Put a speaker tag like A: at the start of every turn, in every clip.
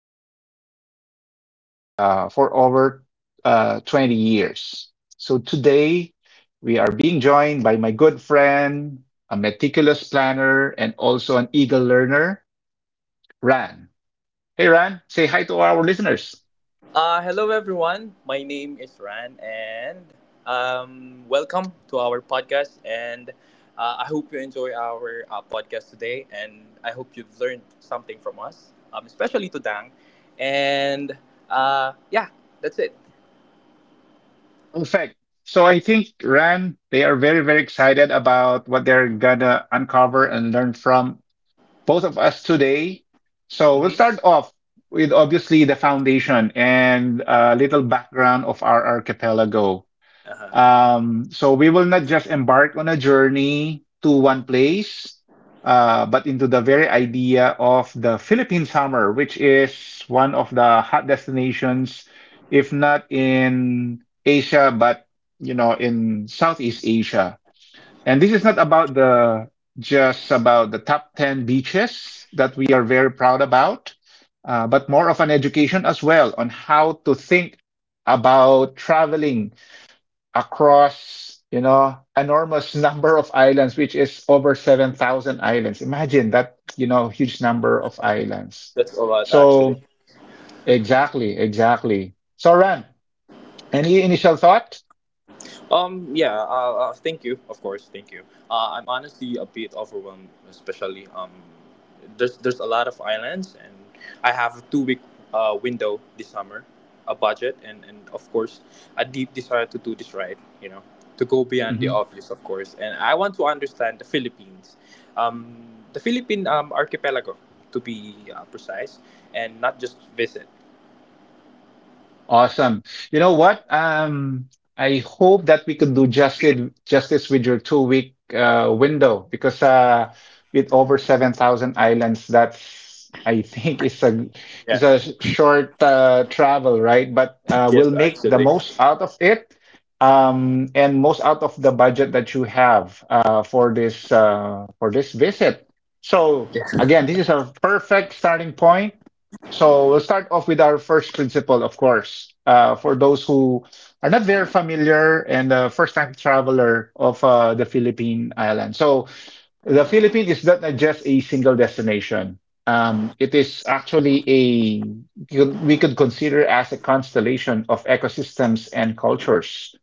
A: and also an outdoor guide for over 20 years. So today we are being joined by my good friend, a meticulous planner, and also an eagle learner, Ran. Hey, Ran, say hi to our listeners.
B: Hello everyone. My name is Ran, and welcome to our podcast. And I hope you enjoy our podcast today, and I hope you've learned something from us, especially to Dang. And yeah, that's it.
A: Perfect. So I think, Ran, they are very, very excited about what they're gonna uncover and learn from both of us today. So we'll
B: Mm-hmm.
A: start off with obviously the foundation and a little background of our archipelago.
B: Uh-huh.
A: So we will not just embark on a journey to one place, but into the very idea of the Philippine summer, which is one of the hot destinations, if not in Asia, but in Southeast Asia. And this is not about the just about the top 10 beaches that we are very proud about, but more of an education as well on how to think about traveling across, you know, enormous number of islands, which is over 7,000 islands. Imagine that, you know, huge number of islands.
B: That's all right, actually.
A: So exactly, exactly. So Ran, any initial thought?
B: Yeah, thank you, of course, thank you. I'm honestly a bit overwhelmed, especially there's a lot of islands, and I have a 2-week window this summer, a budget, and of course, a deep desire to do this right, to go beyond the obvious, of course, and I want to understand the Philippines, um, the Philippine archipelago, to be precise, and not just visit.
A: Awesome. You know what? I hope that we could do justice with your 2 week window because with over 7,000 islands, that's I think it's
B: Yeah.
A: a short travel, right? But we'll
B: Yes,
A: make the
B: actually.
A: most out of it and most out of the budget that you have for this for this visit. So
B: Yeah.
A: again, this is a perfect starting point. So we'll start off with our first principle, of course. For those who are not very familiar and first-time traveler of the Philippine island. So the Philippines is not just a single destination. It is actually a we could consider as a constellation of ecosystems and cultures.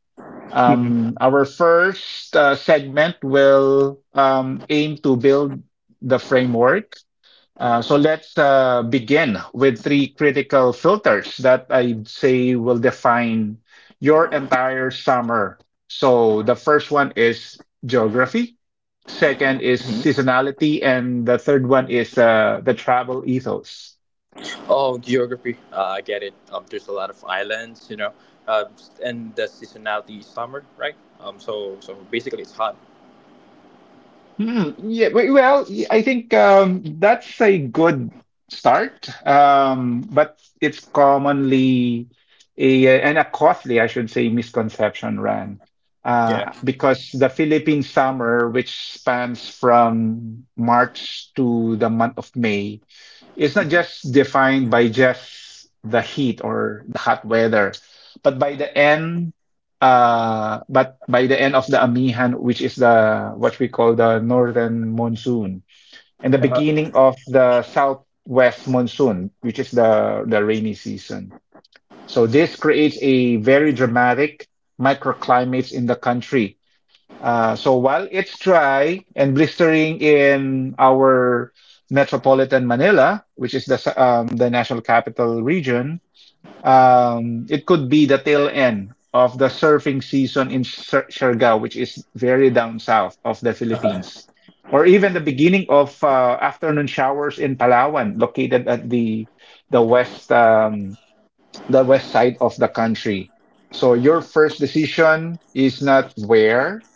B: Mhm.
A: Our first segment will aim to build the framework so let's begin with three critical filters that I'd say will define your entire summer. So the first one is geography, second is seasonality, and the third one is the travel ethos.
B: Oh, geography. I get it. There's a lot of islands, uh, and the seasonality is summer, right? So basically it's hot.
A: Well, I think that's a good start, but it's commonly a costly, I should say, misconception, Ran,
B: Yeah.
A: because the Philippine summer, which spans from March to the month of May, it's not
B: Hmm.
A: just defined by just the heat or the hot weather, but by the end. But by the end of the Amihan, which is the what we call the northern monsoon, and the
B: Uh huh.
A: beginning of the southwest monsoon, which is the rainy season. So this creates a very dramatic microclimates in the country. So while it's dry and blistering in our metropolitan Manila, which is the national capital region, it could be the tail end of the surfing season in Siargao, which is very down south of the
B: Uh huh.
A: Philippines, or even the beginning of afternoon showers in Palawan, located at the west um, the west side of the country. So your first decision is not where,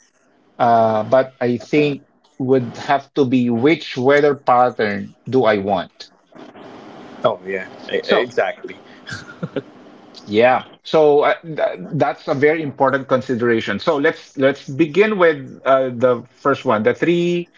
A: but I think would have to be: which weather pattern do I want?
B: Oh yeah.
A: So.
B: Exactly.
A: Yeah. So th that's a very important consideration. So let's begin with the first one, the three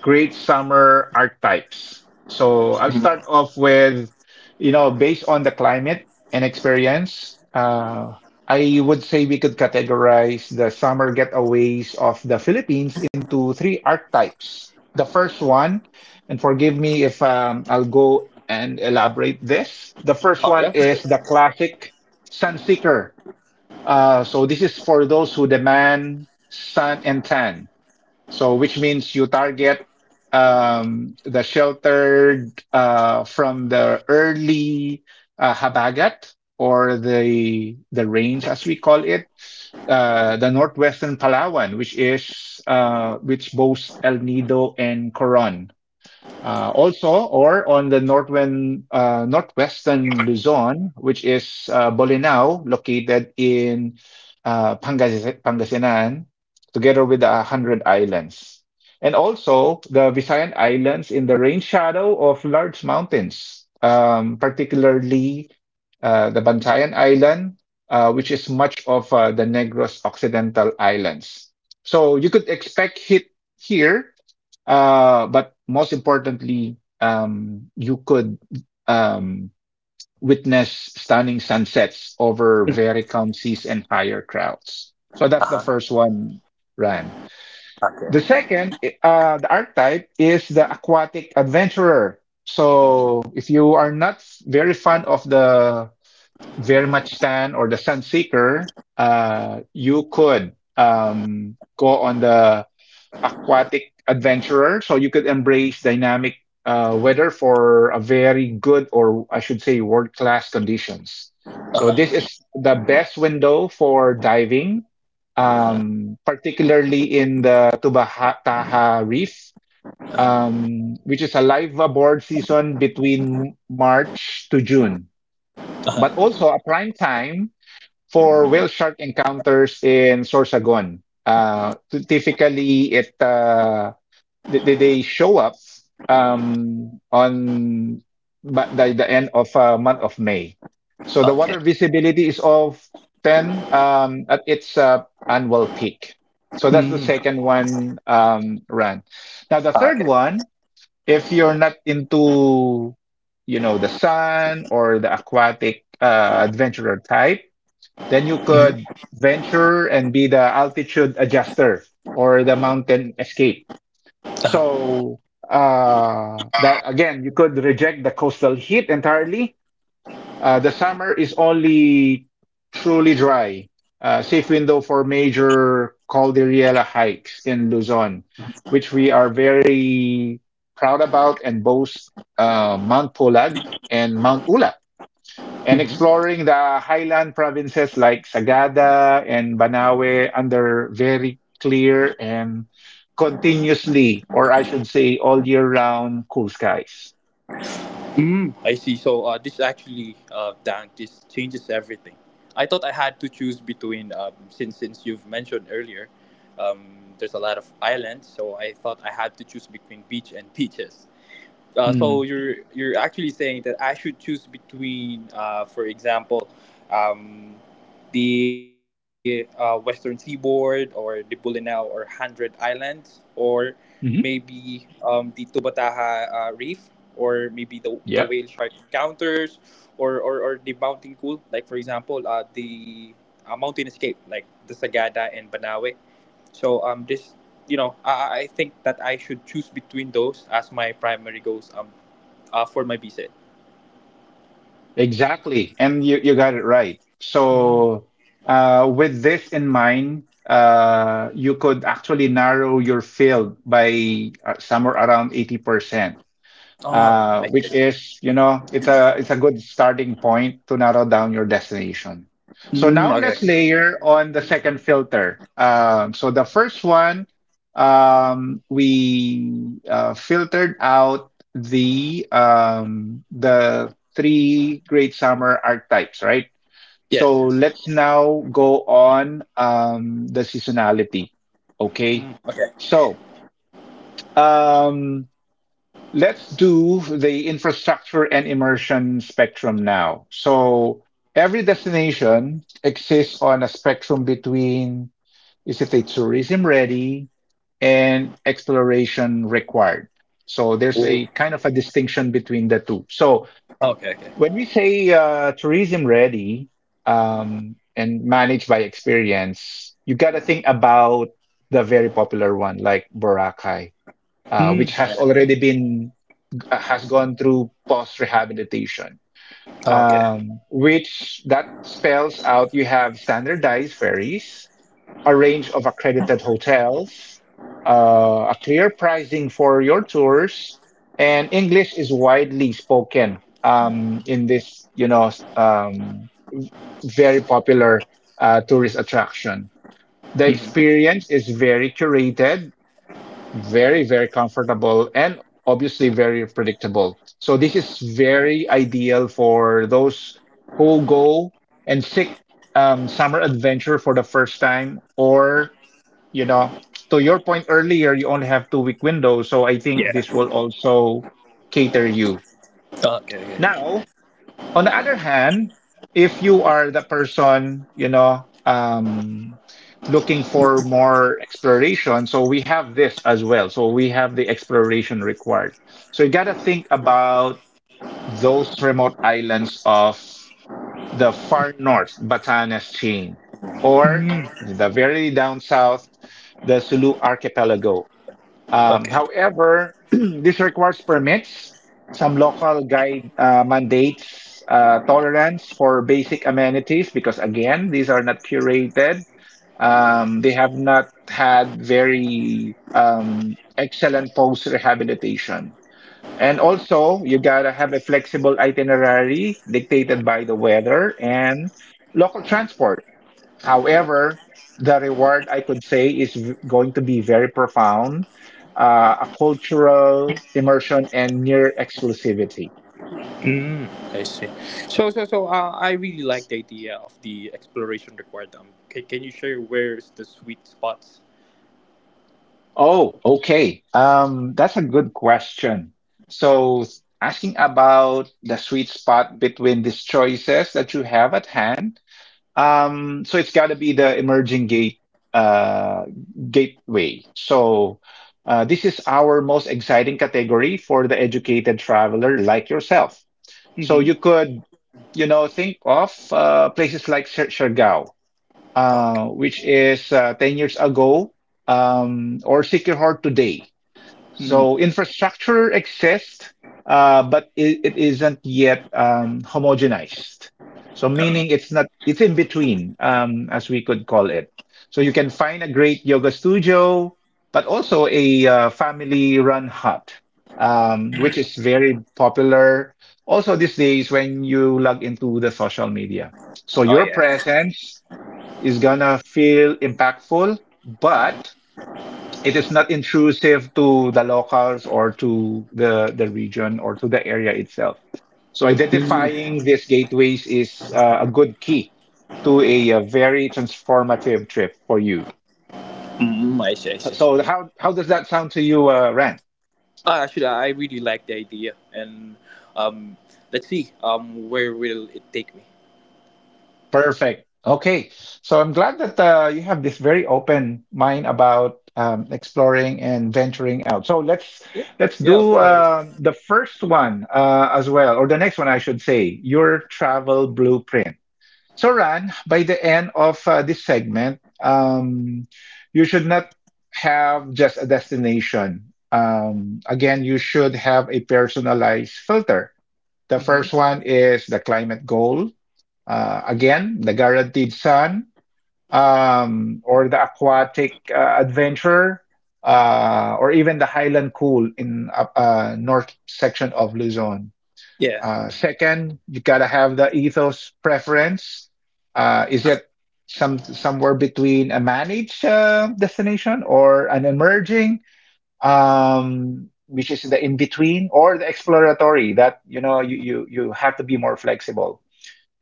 A: great summer archetypes. So I'll start off with, you know, based on the climate and experience, I would say we could categorize the summer getaways of the Philippines into three archetypes. The first one, and forgive me if I'll go and elaborate this. The first
B: Oh yeah.
A: one
B: For sure.
A: is the classic sun seeker. So this is for those who demand sun and tan. So, which means you target the sheltered from the early Habagat or the rains, as we call it, the northwestern Palawan, which is which boasts El Nido and Coron. Also, or on the northern, northwestern Luzon, which is Bolinao, located in Pangasinan, together with the 100 Islands. And also the Visayan Islands in the rain shadow of large mountains, particularly the Bantayan Island, which is much of the Negros Occidental Islands. So you could expect heat here but most importantly, you could um, witness stunning sunsets over very calm seas and higher crowds. So that's the
B: Uh huh.
A: first one, Ran. The
B: Okay.
A: second, the archetype is the aquatic adventurer. So if you are not very fond of the very much sun or the sun seeker, you could go on the aquatic adventurer, so you could embrace dynamic weather for a very good, or I should say, world class conditions.
B: Uh
A: So this
B: huh.
A: is the best window for diving, particularly in the Tubaha Taha Reef, which is a live aboard season between March to June, but also a prime time for whale shark encounters in Sorsogon. Typically, it they show up on by the end of month of May. So the
B: Okay.
A: water visibility is of 10 at its annual peak. So that's the
B: Mm.
A: second one run. Now the third one, if you're not into the sun or the aquatic adventurer type, then you could venture and be the altitude adjuster or the mountain escape.
B: Okay.
A: So that again, you could reject the coastal heat entirely. The summer is only truly dry. Safe window for major Cordillera hikes in Luzon, which we are very proud about and boast Mount Pulag and Mount Ula and exploring the highland provinces like Sagada and Banawe under very clear and continuously, or I should say, all year round cool skies.
B: Mm, I see. So this actually, Dan, this changes everything. I thought I had to choose between, since you've mentioned earlier, um, there's a lot of islands, so I thought I had to choose between beach and beaches.
A: Mhm.
B: So you're actually saying that I should choose between, for example, um, the Western Seaboard or the Bulinaw or Hundred Islands or maybe the Tubataha Reef or maybe the whale
A: Yep,
B: shark encounters or the mountain cool like for example the mountain escape like the Sagada and Banawe. So this you know I think that I should choose between those as my primary goals for my visa.
A: exactly. And you got it right.
B: Mm.
A: So, with this in mind, you could actually narrow your field by somewhere around 80%. Uh,
B: I
A: which
B: see.
A: is, you know, it's a good starting point to narrow down your destination. So
B: Mm.
A: now
B: Okay.
A: let's layer on the second filter. So the first one, we filtered out the three great summer archetypes, right?
B: Yes.
A: So
B: Yes.
A: let's now go on the seasonality. Okay,
B: Mm. Okay.
A: so. Um, Let's do the infrastructure and immersion spectrum now. So every destination exists on a spectrum between is it a tourism ready and exploration required. So there's
B: Oh.
A: a kind of a distinction between the two. So
B: Okay. Okay.
A: when we say tourism ready and managed by experience, you got to think about the very popular one like Boracay,
B: Mm.
A: which has already been has gone through post rehabilitation,
B: Okay.
A: which that spells out you have standardized ferries, a range of accredited hotels, a clear pricing for your tours, and English is widely spoken in this, very popular tourist attraction. The
B: Mhm.
A: experience is very curated, very, very comfortable and obviously very predictable. So this is very ideal for those who go and seek summer adventure for the first time, or you know, to your point earlier, you only have 2 week window. So I think this
B: Yeah.
A: will also cater you.
B: Oh, okay. Okay.
A: Now, on the other hand, if you are the person, you know, um, looking for more exploration, so we have this as well. So we have the exploration required. So you got to think about those remote islands of the far north Batanes chain or
B: Mm.
A: the very down south, the Sulu archipelago.
B: Okay.
A: However, this requires permits, some local guide mandates tolerance for basic amenities because, again, these are not curated. They have not had very excellent post rehabilitation. And also, you gotta have a flexible itinerary dictated by the weather and local transport. However, the reward I could say is going to be very profound, a cultural immersion and near exclusivity.
B: Mm. I see. So, I really like the idea of the exploration required. Can you share where's the sweet spots?
A: Oh, okay. That's a good question. So asking about the sweet spot between these choices that you have at hand. So it's got to be the emerging uh, gateway. So this is our most exciting category for the educated traveler like yourself. So
B: Mhm.
A: you could, you know, think of places like Siargao,
B: Oh, okay.
A: which is 10 years ago, or Siquijor today.
B: Mm.
A: So infrastructure exists, but it isn't yet homogenized. So meaning it's not it's in between, as we could call it. So you can find a great yoga studio, but also a family-run hut, which is very popular also these days when you log into the social media. So
B: Oh,
A: your
B: yeah.
A: presence is gonna feel impactful, but it is not intrusive to the locals or to the region or to the area itself. So
B: Mm,
A: identifying these gateways is a good key to a, very transformative trip for you.
B: mm, I see. I see.
A: So how does that sound to you, Ran?
B: Actually, I really like the idea, and um, let's see where will it take me?
A: Perfect. Okay. So I'm glad that you have this very open mind about exploring and venturing out. So let's
B: Yeah,
A: let's
B: yeah, of
A: do
B: course.
A: the first one as well, or the next one, I should say, your travel blueprint. So Ran, by the end of this segment, you should not have just a destination. Again, you should have a personalized filter. The
B: Mm-hmm.
A: first one is the climate goal, again, the Guaranteed Sun, or the Aquatic Adventure, or even the Highland Cool in north section of Luzon.
B: Yeah.
A: Second, you gotta have the ethos preference. Is it somewhere between a managed destination or an emerging, which is the in between, or the exploratory? That you know you have to be more flexible,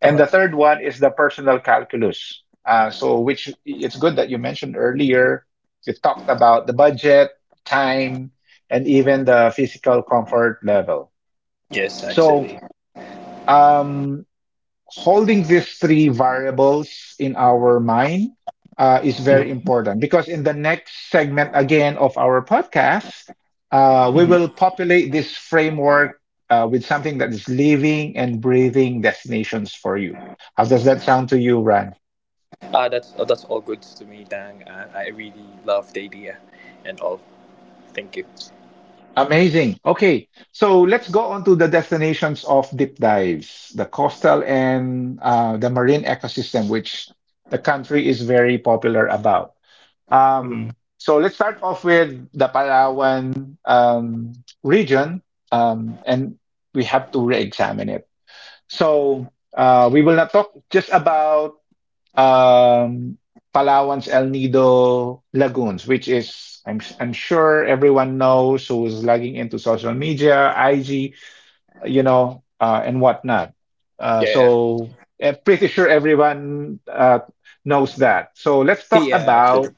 B: Uh
A: and
B: huh.
A: the third one is the personal calculus. So, which it's good that you mentioned earlier. You talked about the budget, time, and even the physical comfort level.
B: Yes,
A: So,
B: actually.
A: um, holding these three variables in our mind is very important because in the next segment again of our podcast, we will
B: Mm-hmm.
A: populate this framework with something that is living and breathing destinations for you. How does that sound to you, Ran?
B: That's all good to me, Dang. I really love the idea, and all. Thank you.
A: Amazing. Okay, so let's go on to the destinations of deep dives, the coastal and the marine ecosystem, which the country is very popular about.
B: Mm-hmm.
A: So let's start off with the Palawan region, and we have to re-examine it. So we will not talk just about um, Palawan's El Nido lagoons, which is I'm sure everyone knows who is logging into social media, IG, you know, and whatnot.
B: Yeah.
A: So I'm pretty sure everyone knows that. So let's talk
B: Yeah, actually.
A: about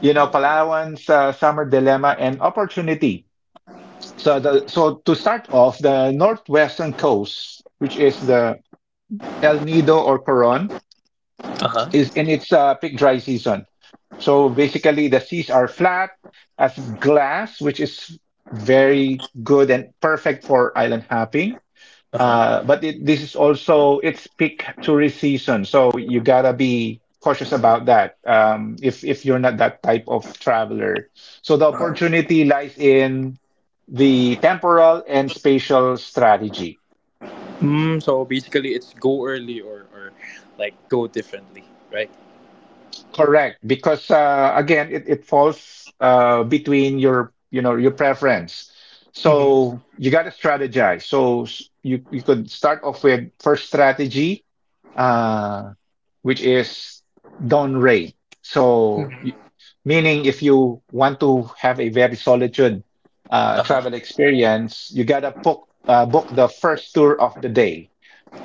A: you know, Palawan's summer dilemma and opportunity. So, so to start off, the northwestern coast, which is the El Nido or Coron,
B: Uh huh.
A: is in its peak dry season. So basically, the seas are flat as glass, which is very good and perfect for island hopping.
B: Uh huh.
A: But this is also it's peak tourist season, so you gotta be cautious about that. If you're not that type of traveler, so the opportunity lies in the temporal and spatial strategy.
B: So basically, it's go early or like go differently, right?
A: Correct, because again, it falls between your, you know, your preference.
B: Mm-hmm.
A: So you got to strategize. So you you could start off with first strategy, uh, which is down rate. So meaning if you want to have a very solitude
B: Uh huh.
A: travel experience, you gotta book the first tour of the day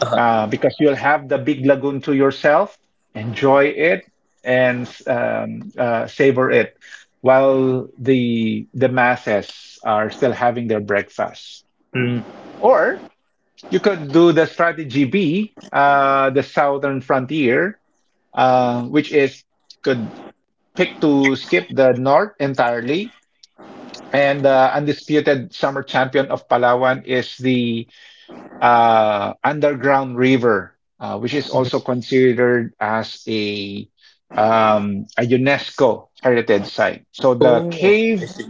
B: Uh huh.
A: because you'll have the big lagoon to yourself, enjoy it and savor it, while the masses are still having their breakfast.
B: Mm.
A: Or you could do the strategy B, the southern frontier, which is could pick to skip the north entirely. And undisputed summer champion of Palawan is the underground river, which is also considered as a UNESCO heritage site. So the
B: Oh,
A: cave,
B: I see.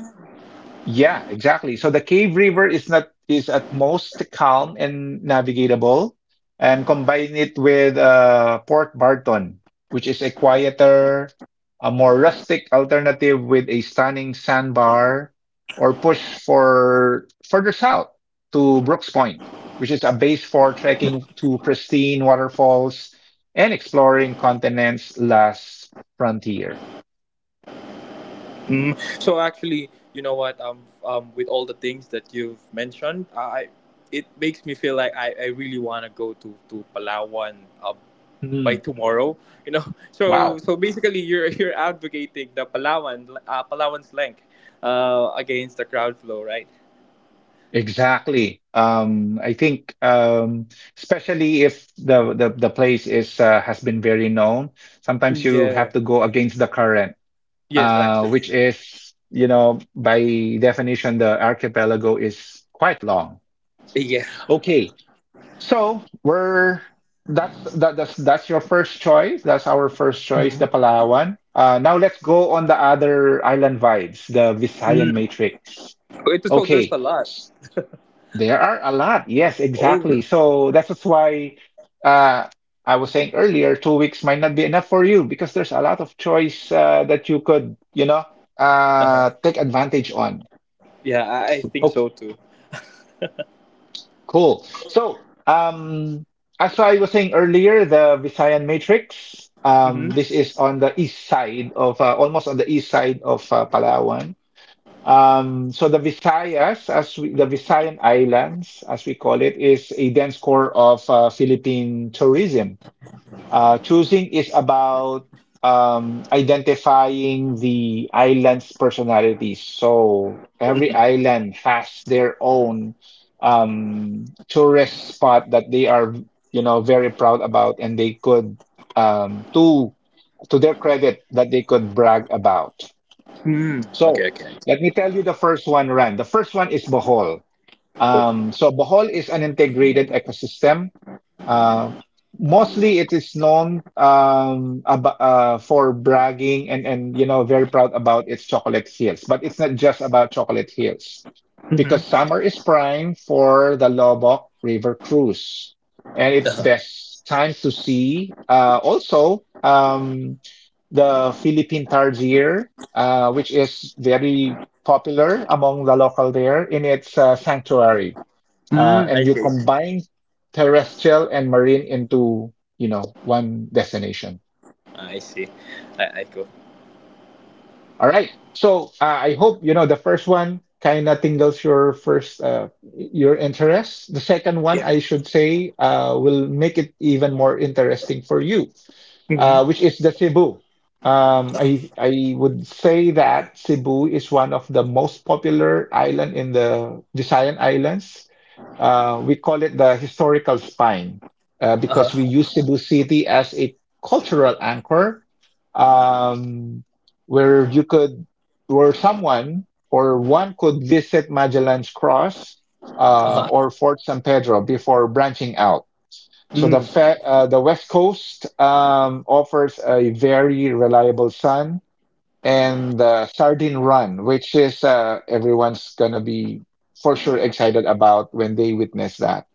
A: yeah, exactly. So the cave river is not, is at most calm and navigatable, and combine it with Port Barton, which is a quieter, a more rustic alternative with a stunning sandbar, or push for further south to Brooks Point, which is a base for trekking to pristine waterfalls and exploring continent's last frontier.
B: So actually, you know what? With all the things that you've mentioned, I it makes me feel like I really want to go to Palawan um, by
A: Hmm.
B: tomorrow. You know, so
A: Wow.
B: so basically, you're you're advocating the Palawan Palawan's length, against the crowd flow, right?
A: Exactly. I think, especially if the place is has been very known, sometimes you have
B: Yeah.
A: to go against the current,
B: Yes, actually.
A: which is, you know, by definition, the archipelago is quite long.
B: Yeah.
A: Okay, so we're that's your first choice. That's our first choice, the Palawan. Now let's go on the other island vibes, the Visayan
B: Mm.
A: Matrix.
B: So there's
A: Okay.
B: a lot.
A: There are a lot. Yes,
B: Oh.
A: exactly. So that's just why uh, I was saying earlier, 2 weeks might not be enough for you because there's a lot of choice that you could, you know,
B: Uh-huh.
A: take advantage on.
B: Yeah, I think
A: Oh,
B: so too.
A: cool. So, as I was saying earlier, the Visayan Matrix,
B: Mm-hmm.
A: this is on the east side of, almost on the east side of Palawan. So the Visayas, as we, the Visayan Islands, as we call it, is a dense core of Philippine tourism. Choosing is about identifying the island's personalities. So every island has their own tourist spot that they are, you know, very proud about, and they could, um, to to their credit, that they could brag about.
B: Mm. Okay.
A: So
B: Okay.
A: let me tell you the first one, Ran. The first one is Bohol.
B: Oh.
A: So Bohol is an integrated ecosystem, uh, mostly it is known for bragging and you know very proud about its chocolate hills. But it's not just about chocolate hills, because
B: Mm-hmm.
A: summer is prime for the Lobok River cruise, and it's
B: Uh-huh.
A: best time to see. Also, the Philippine Targier, which is very popular among the local there in its sanctuary,
B: Mm, I
A: and you
B: see.
A: combine terrestrial and marine into you know one destination.
B: I see. I go.
A: All right. So I hope you know the first one kind of tingles your first your interest. The second one,
B: Yeah.
A: I should say, will make it even more interesting for you,
B: Mm-hmm.
A: which is the Cebu. I would say that Cebu is one of the most popular island in the Visayan Islands. We call it the historical spine
B: Uh
A: because we
B: huh.
A: use Cebu City as a cultural anchor. Um, where you could, where someone or one could visit Magellan's Cross
B: Uh huh.
A: or Fort San Pedro before branching out. So
B: Mm.
A: the West Coast offers a very reliable sun and the Sardine Run, which is everyone's gonna be for sure excited about when they witness that.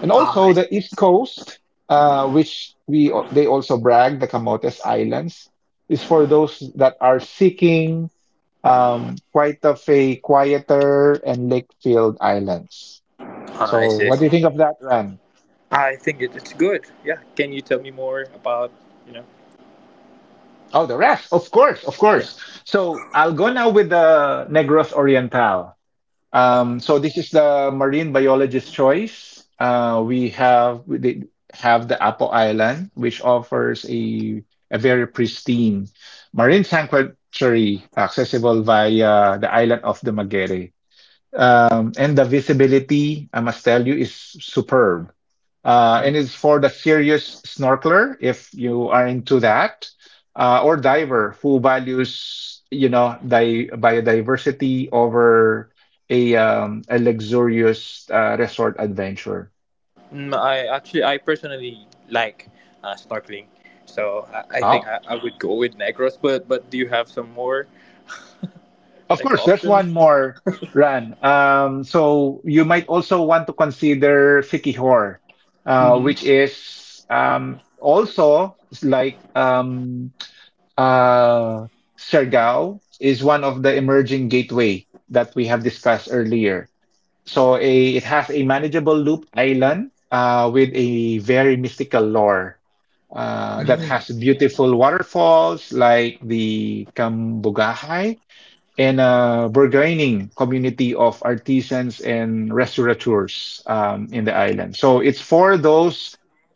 A: And
B: Ah, I
A: also the
B: see.
A: East Coast, which we they also brag the Camotes Islands is for those that are seeking quite of a quieter and lake-filled Islands.
B: Ah, I
A: So,
B: see. I
A: what do
B: see.
A: you think of that, Ran?
B: I think it's good. Yeah. Can you tell me more about you know?
A: Oh, the rest, of course, of
B: Yeah.
A: course. So, I'll go now with the Negros Oriental.
B: Uh huh.
A: So, this is the marine biologist's choice. We did have the Apo Island, which offers a very pristine marine sanctuary accessible via the island of the Magere. And the visibility, I must tell you, is superb.
B: Mm.
A: And it's for the serious snorkeler, if you are into that, or diver who values, you know, di biodiversity over a luxurious resort adventure.
B: I actually, I personally like snorkeling, so I think
A: Oh.
B: I would go with Negros. But do you have some more
A: Of
B: like
A: course, there's
B: options?
A: one more, run. So you might also want to consider Sikihor, which
B: Mm-hmm.
A: is also like uh, Siargao is one of the emerging gateway that we have discussed earlier. So a, it has a manageable loop island with a very mystical lore that has beautiful waterfalls like the Kambugahai in a burgeoning community of artisans and restaurateurs in the island. So it's for those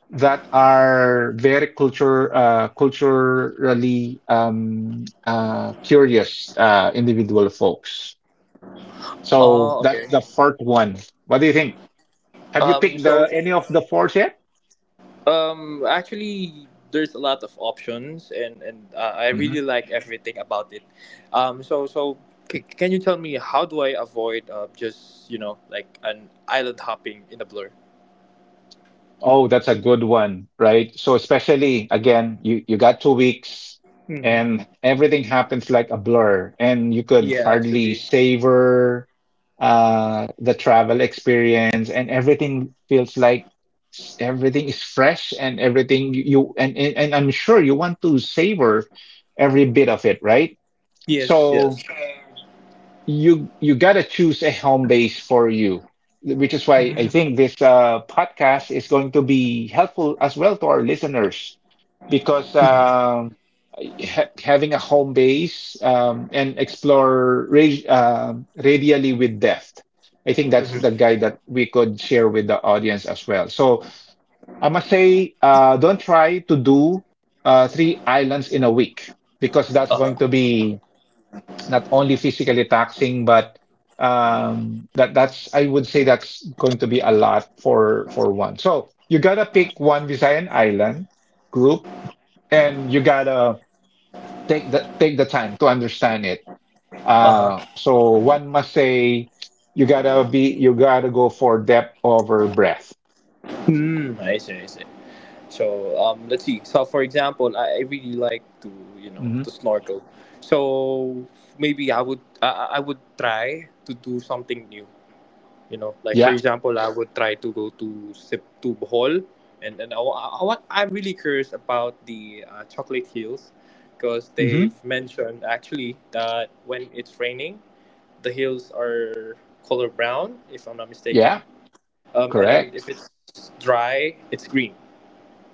A: that are very culture culturally curious individual folks. So
B: Oh,
A: that's
B: okay.
A: the fourth one. What do you think? Have you picked
B: So.
A: the any of the fours yet?
B: Actually, there's a lot of options, and I
A: Mm-hmm.
B: really like everything about it. So can you tell me how do I avoid just like an island hopping in a blur?
A: Oh, that's a good one, right? So especially again, you got 2 weeks
B: Mm-hmm.
A: and everything happens like a blur and you could
B: Yeah,
A: hardly
B: actually,
A: savor the travel experience and everything feels like everything is fresh and everything and I'm sure you want to savor every bit of it, right?
B: yes,
A: So
B: yes.
A: you gotta choose a home base for you, which is why I think this podcast is going to be helpful as well to our listeners because ha having a home base and explore radially with depth. I think that's the
B: Mm-hmm.
A: guide that we could share with the audience as well. So I must say, don't try to do 3 islands in a week because
B: Uh
A: that's going to
B: huh.
A: be, it's not only physically taxing, but that's I would say that's going to be a lot for one. So you gotta pick one Visayan island group, and you gotta take the time to understand it.
B: Uh huh.
A: So one must say you gotta go for depth over breadth.
B: Hmm. I see. I see. So, let's see. So for example, I really like to to
A: Hmm.
B: snorkel. So maybe I would try to do something new. You know, like for
A: Yeah.
B: example, I would try to go to Bohol, and what I'm really curious about the Chocolate Hills, because they've
A: Hmm.
B: mentioned actually that when it's raining, the hills are color brown, if I'm not mistaken,
A: Yeah.
B: and
A: Correct.
B: if it's dry, it's green.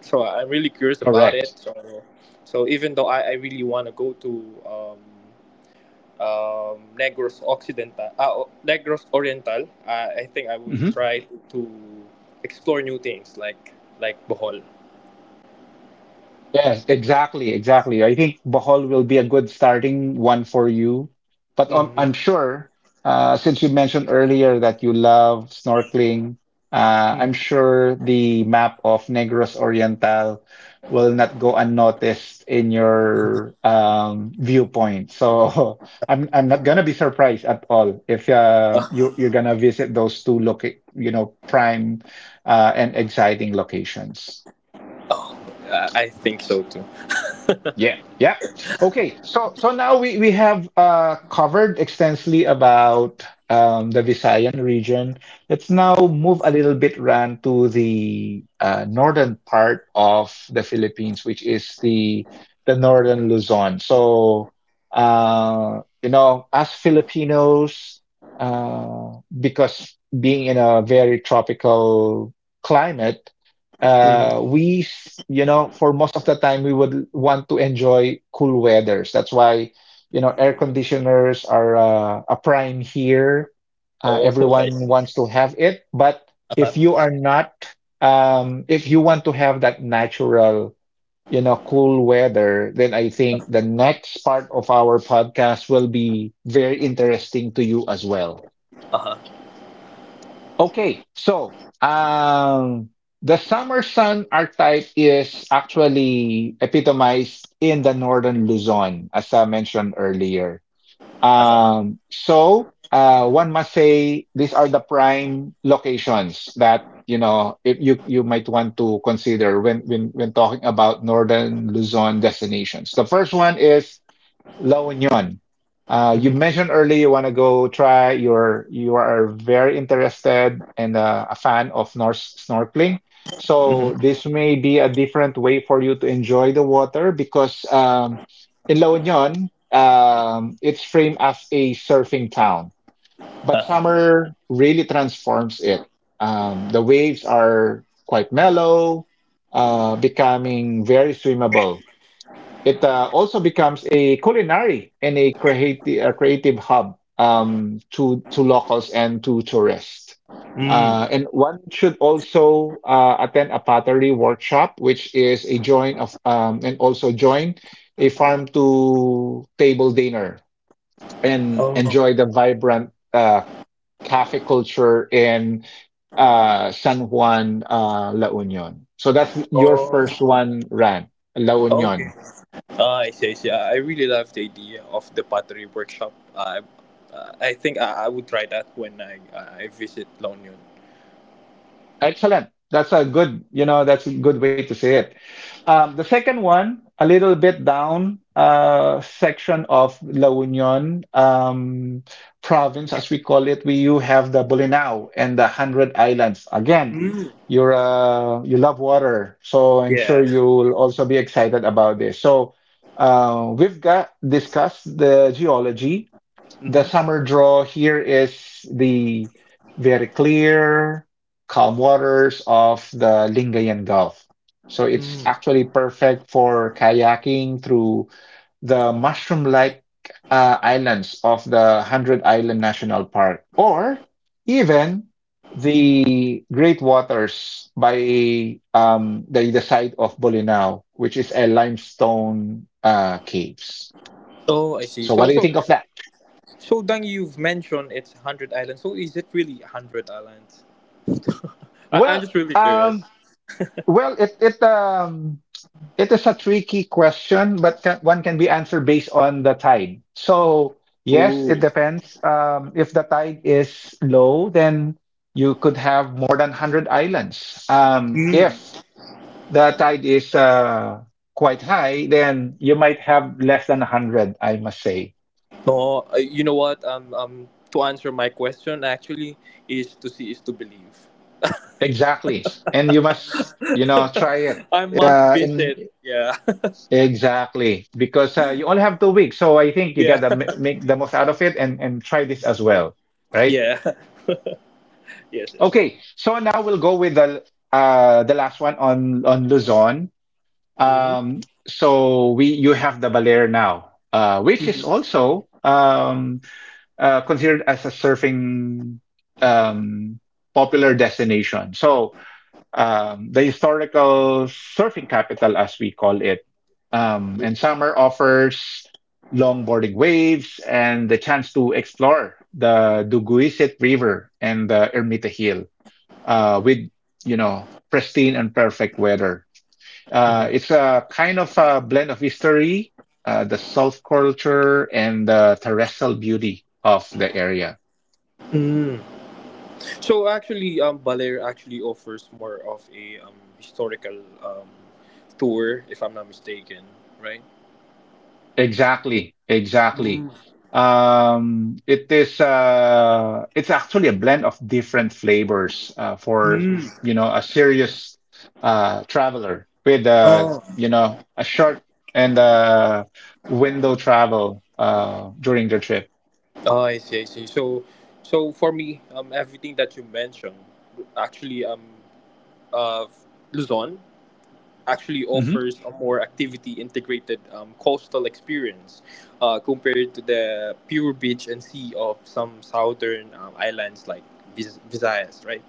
B: So I'm really curious about it.
A: Correct.
B: So even though I really want to go to um, Negros Occidental, Negros Oriental, I think I would
A: Mhm.
B: try to explore new things like Bohol.
A: Yes, exactly, exactly. I think Bohol will be a good starting one for you. But
B: Hmm.
A: I'm sure, since you mentioned earlier that you love snorkeling, I'm
B: Hmm.
A: sure the map of Negros Oriental will not go unnoticed in your viewpoint. So I'm not gonna be surprised at all if
B: Oh,
A: you're gonna visit those two loca prime and exciting locations.
B: I think so too.
A: Yeah, yeah. Okay, so now we have covered extensively about the Visayan region. Let's now move a little bit Ran to the northern part of the Philippines, which is the northern Luzon. So you know, as Filipinos, because being in a very tropical climate,
B: Hmm.
A: you know, for most of the time, we would want to enjoy cool weathers. That's why, you know, air conditioners are a prime here.
B: Oh, I
A: Everyone
B: see.
A: wants to have it. But
B: Uh huh.
A: if you are not, if you want to have that natural, you know, cool weather, then I think the next part of our podcast will be very interesting to you as well.
B: Uh huh.
A: Okay, so the summer sun archetype is actually epitomized in the northern Luzon, as I mentioned earlier.
B: Uh huh.
A: One must say these are the prime locations that you know if you you might want to consider when when talking about northern Luzon destinations. The first one is Launion. Uh, you
B: Mm-hmm.
A: mentioned earlier you want to go try. You are very interested and a fan of Norse snorkeling. So
B: Mm-hmm.
A: this may be a different way for you to enjoy the water because in La Union, it's framed as a surfing town, but summer really transforms it. The waves are quite mellow, becoming very swimmable. It also becomes a culinary and a creative hub to locals and to tourists.
B: Mm.
A: And one should also attend a pottery workshop, which is a join of and also join a farm to table dinner and
B: Oh,
A: enjoy the vibrant cafe culture in San Juan, La Union. So that's your
B: oh,
A: first one, Ran, La
B: okay.
A: Union.
B: Ah, I see. I see. I really love the idea of the pottery workshop. I, I think I would try that when I visit Longyon.
A: Excellent. That's a good, you know, that's a good way to say it. The second one, a little bit down section of La Union province, as we call it, we you have the Bolinao and the Hundred Islands. Again,
B: Mm.
A: you love water, so I'm sure
B: Yeah.
A: you'll also be excited about this. So we've got discussed the geology. The
B: Mhm.
A: summer draw here is the very clear, calm waters of the Lingayen Gulf. So it's actually perfect for kayaking through the mushroom-like islands of the Hundred Island National Park, or even the Great Waters by the side of Bolinao, which is a limestone caves.
B: Oh, I see.
A: So, what
B: So
A: do you
B: so
A: think of that?
B: So, Dang, you've mentioned it's 100 Islands. So, is it really 100 Islands? I'm
A: Well,
B: just really curious.
A: um, Well, it is a tricky question, but one can be answered based on the tide. So yes,
B: Ooh.
A: it depends. If the tide is low, then you could have more than 100 islands.
B: Mm.
A: If the tide is quite high, then you might have less than 100, I must say.
B: No, you know what? To answer my question, actually, is to see is to believe.
A: Exactly. And you must, you know, try it.
B: I must
A: In
B: visit. Yeah.
A: Exactly, because you only have 2 weeks, so I think you
B: Yeah.
A: gotta make the most out of it and try this as well, right?
B: Yeah. Yes, yes.
A: Okay, so now we'll go with the last one on Luzon. Um, so we you have the Baler now, which is also considered as a surfing um popular destination. So the historical surfing capital, as we call it. And summer offers longboarding waves and the chance to explore the Duguisit River and the Ermita Hill with, you know, pristine and perfect weather. It's a kind of a blend of history, the self culture, and the terrestrial beauty of the area.
B: So actually, Baler actually offers more of a historical tour, if I'm not mistaken, right?
A: Exactly, exactly. It's actually a blend of different flavors for
B: Mm.
A: you know a serious traveler with
B: Oh.
A: you know a short and window travel during their trip.
B: Oh, I see, I see. So, for me, everything that you mentioned, actually, uh, Luzon actually
A: Mm-hmm.
B: offers a more activity integrated coastal experience compared to the pure beach and sea of some southern islands like Visayas, right?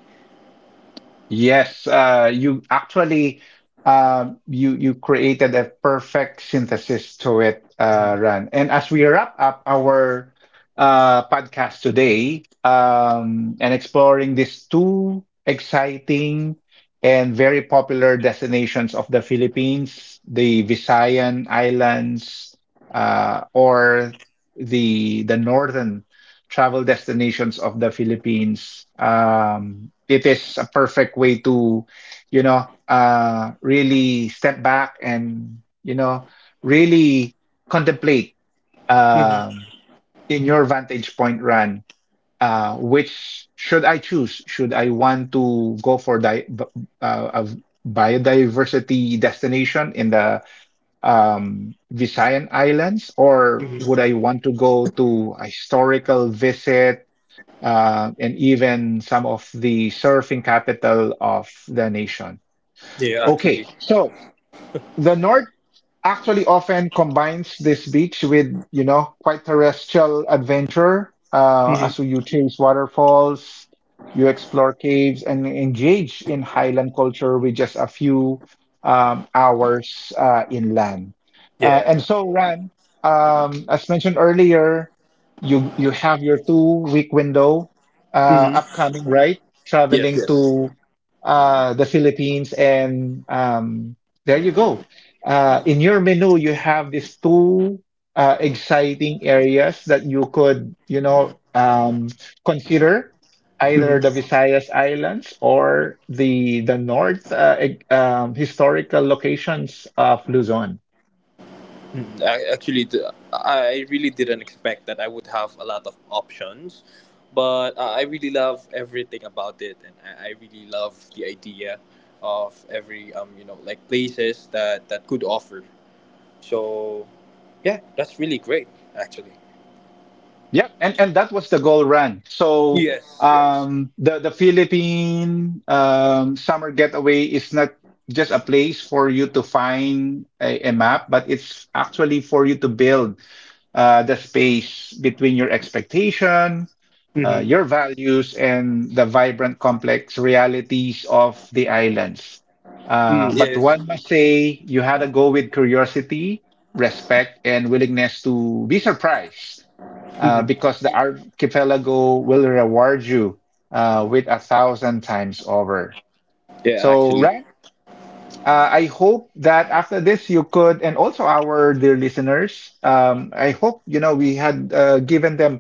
A: Yes, you actually you created a perfect synthesis to it, Ran. And as we wrap up our podcast today, and exploring these two exciting and very popular destinations of the Philippines, the Visayan Islands, or the northern travel destinations of the Philippines. It is a perfect way to, you know, really step back and, you know, really contemplate um, in your vantage point run, which should I choose? Should I want to go for a biodiversity destination in the Visayan Islands, or would I want to go to a historical visit? Uh, and even some of the surfing capital of the nation.
B: Yeah,
A: Okay,
B: actually.
A: so the North actually often combines this beach with, you know, quite terrestrial adventure, as you chase waterfalls, you explore caves, and engage in highland culture with just a few hours inland. And
B: Yeah.
A: so, Ran, as mentioned earlier, you have your two-week window upcoming, right?
B: Yes.
A: Traveling
B: Yes.
A: to the Philippines, and there you go in your menu you have these two exciting areas that you could you know consider either the Visayas Islands or the north, historical locations of Luzon.
B: I actually, d- I really didn't expect that I would have a lot of options, but I really love everything about it, and I really love the idea of every like places that could offer. So, yeah, that's really great actually.
A: Yeah, and that was the goal run. So
B: Yes, yes.
A: the Philippine summer getaway is not just a place for you to find a map, but it's actually for you to build the space between your expectation, your
B: Mm-hmm.
A: values and the vibrant, complex realities of the islands.
B: Mm,
A: But
B: yes.
A: one must say you had a go with curiosity, respect, and willingness to be surprised
B: Mm-hmm.
A: because the archipelago will reward you with a thousand times over.
B: Yeah,
A: So,
B: actually.
A: I hope that after this you could, and also our dear listeners, I hope you know we had given them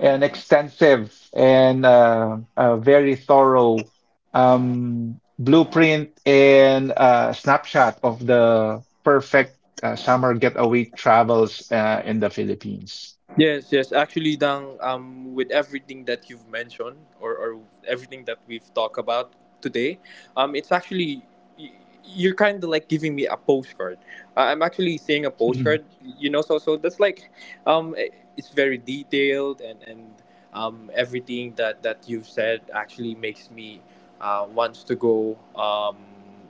A: an extensive and very thorough blueprint and snapshot of the perfect summer getaway travels in the Philippines.
B: Yes, yes. Actually, Dang, with everything that you've mentioned or everything that we've talked about today, it's actually y- you're kind of like giving me a postcard. I'm actually seeing a postcard, you know. So, that's like, um, i- it's very detailed and everything that you've said actually makes me wants to go um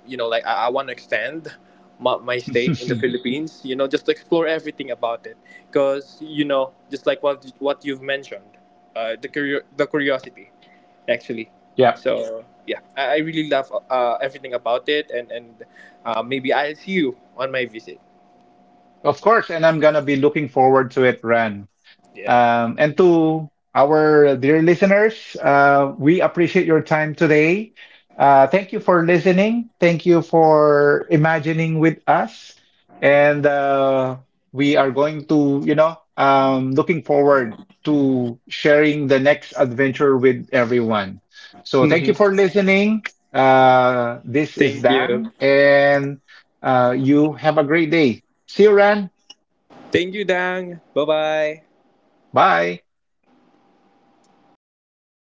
B: you know like I want to extend my stay in the Philippines, just to explore everything about it because just like what you've mentioned the curiosity actually.
A: Yeah,
B: So yeah, I really love everything about it and maybe I'll see you on my visit.
A: of course, and I'm gonna be looking forward to it, Ran.
B: Yeah.
A: And to our dear listeners, we appreciate your time today. Thank you for listening. Thank you for imagining with us. And we are going to, you know, looking forward to sharing the next adventure with everyone. So thank
B: Hmm.
A: you for listening. This is
B: Thank you,
A: Dang, and you have a great day. See you, Ran.
B: thank you, Dang. Bye bye.
A: Bye.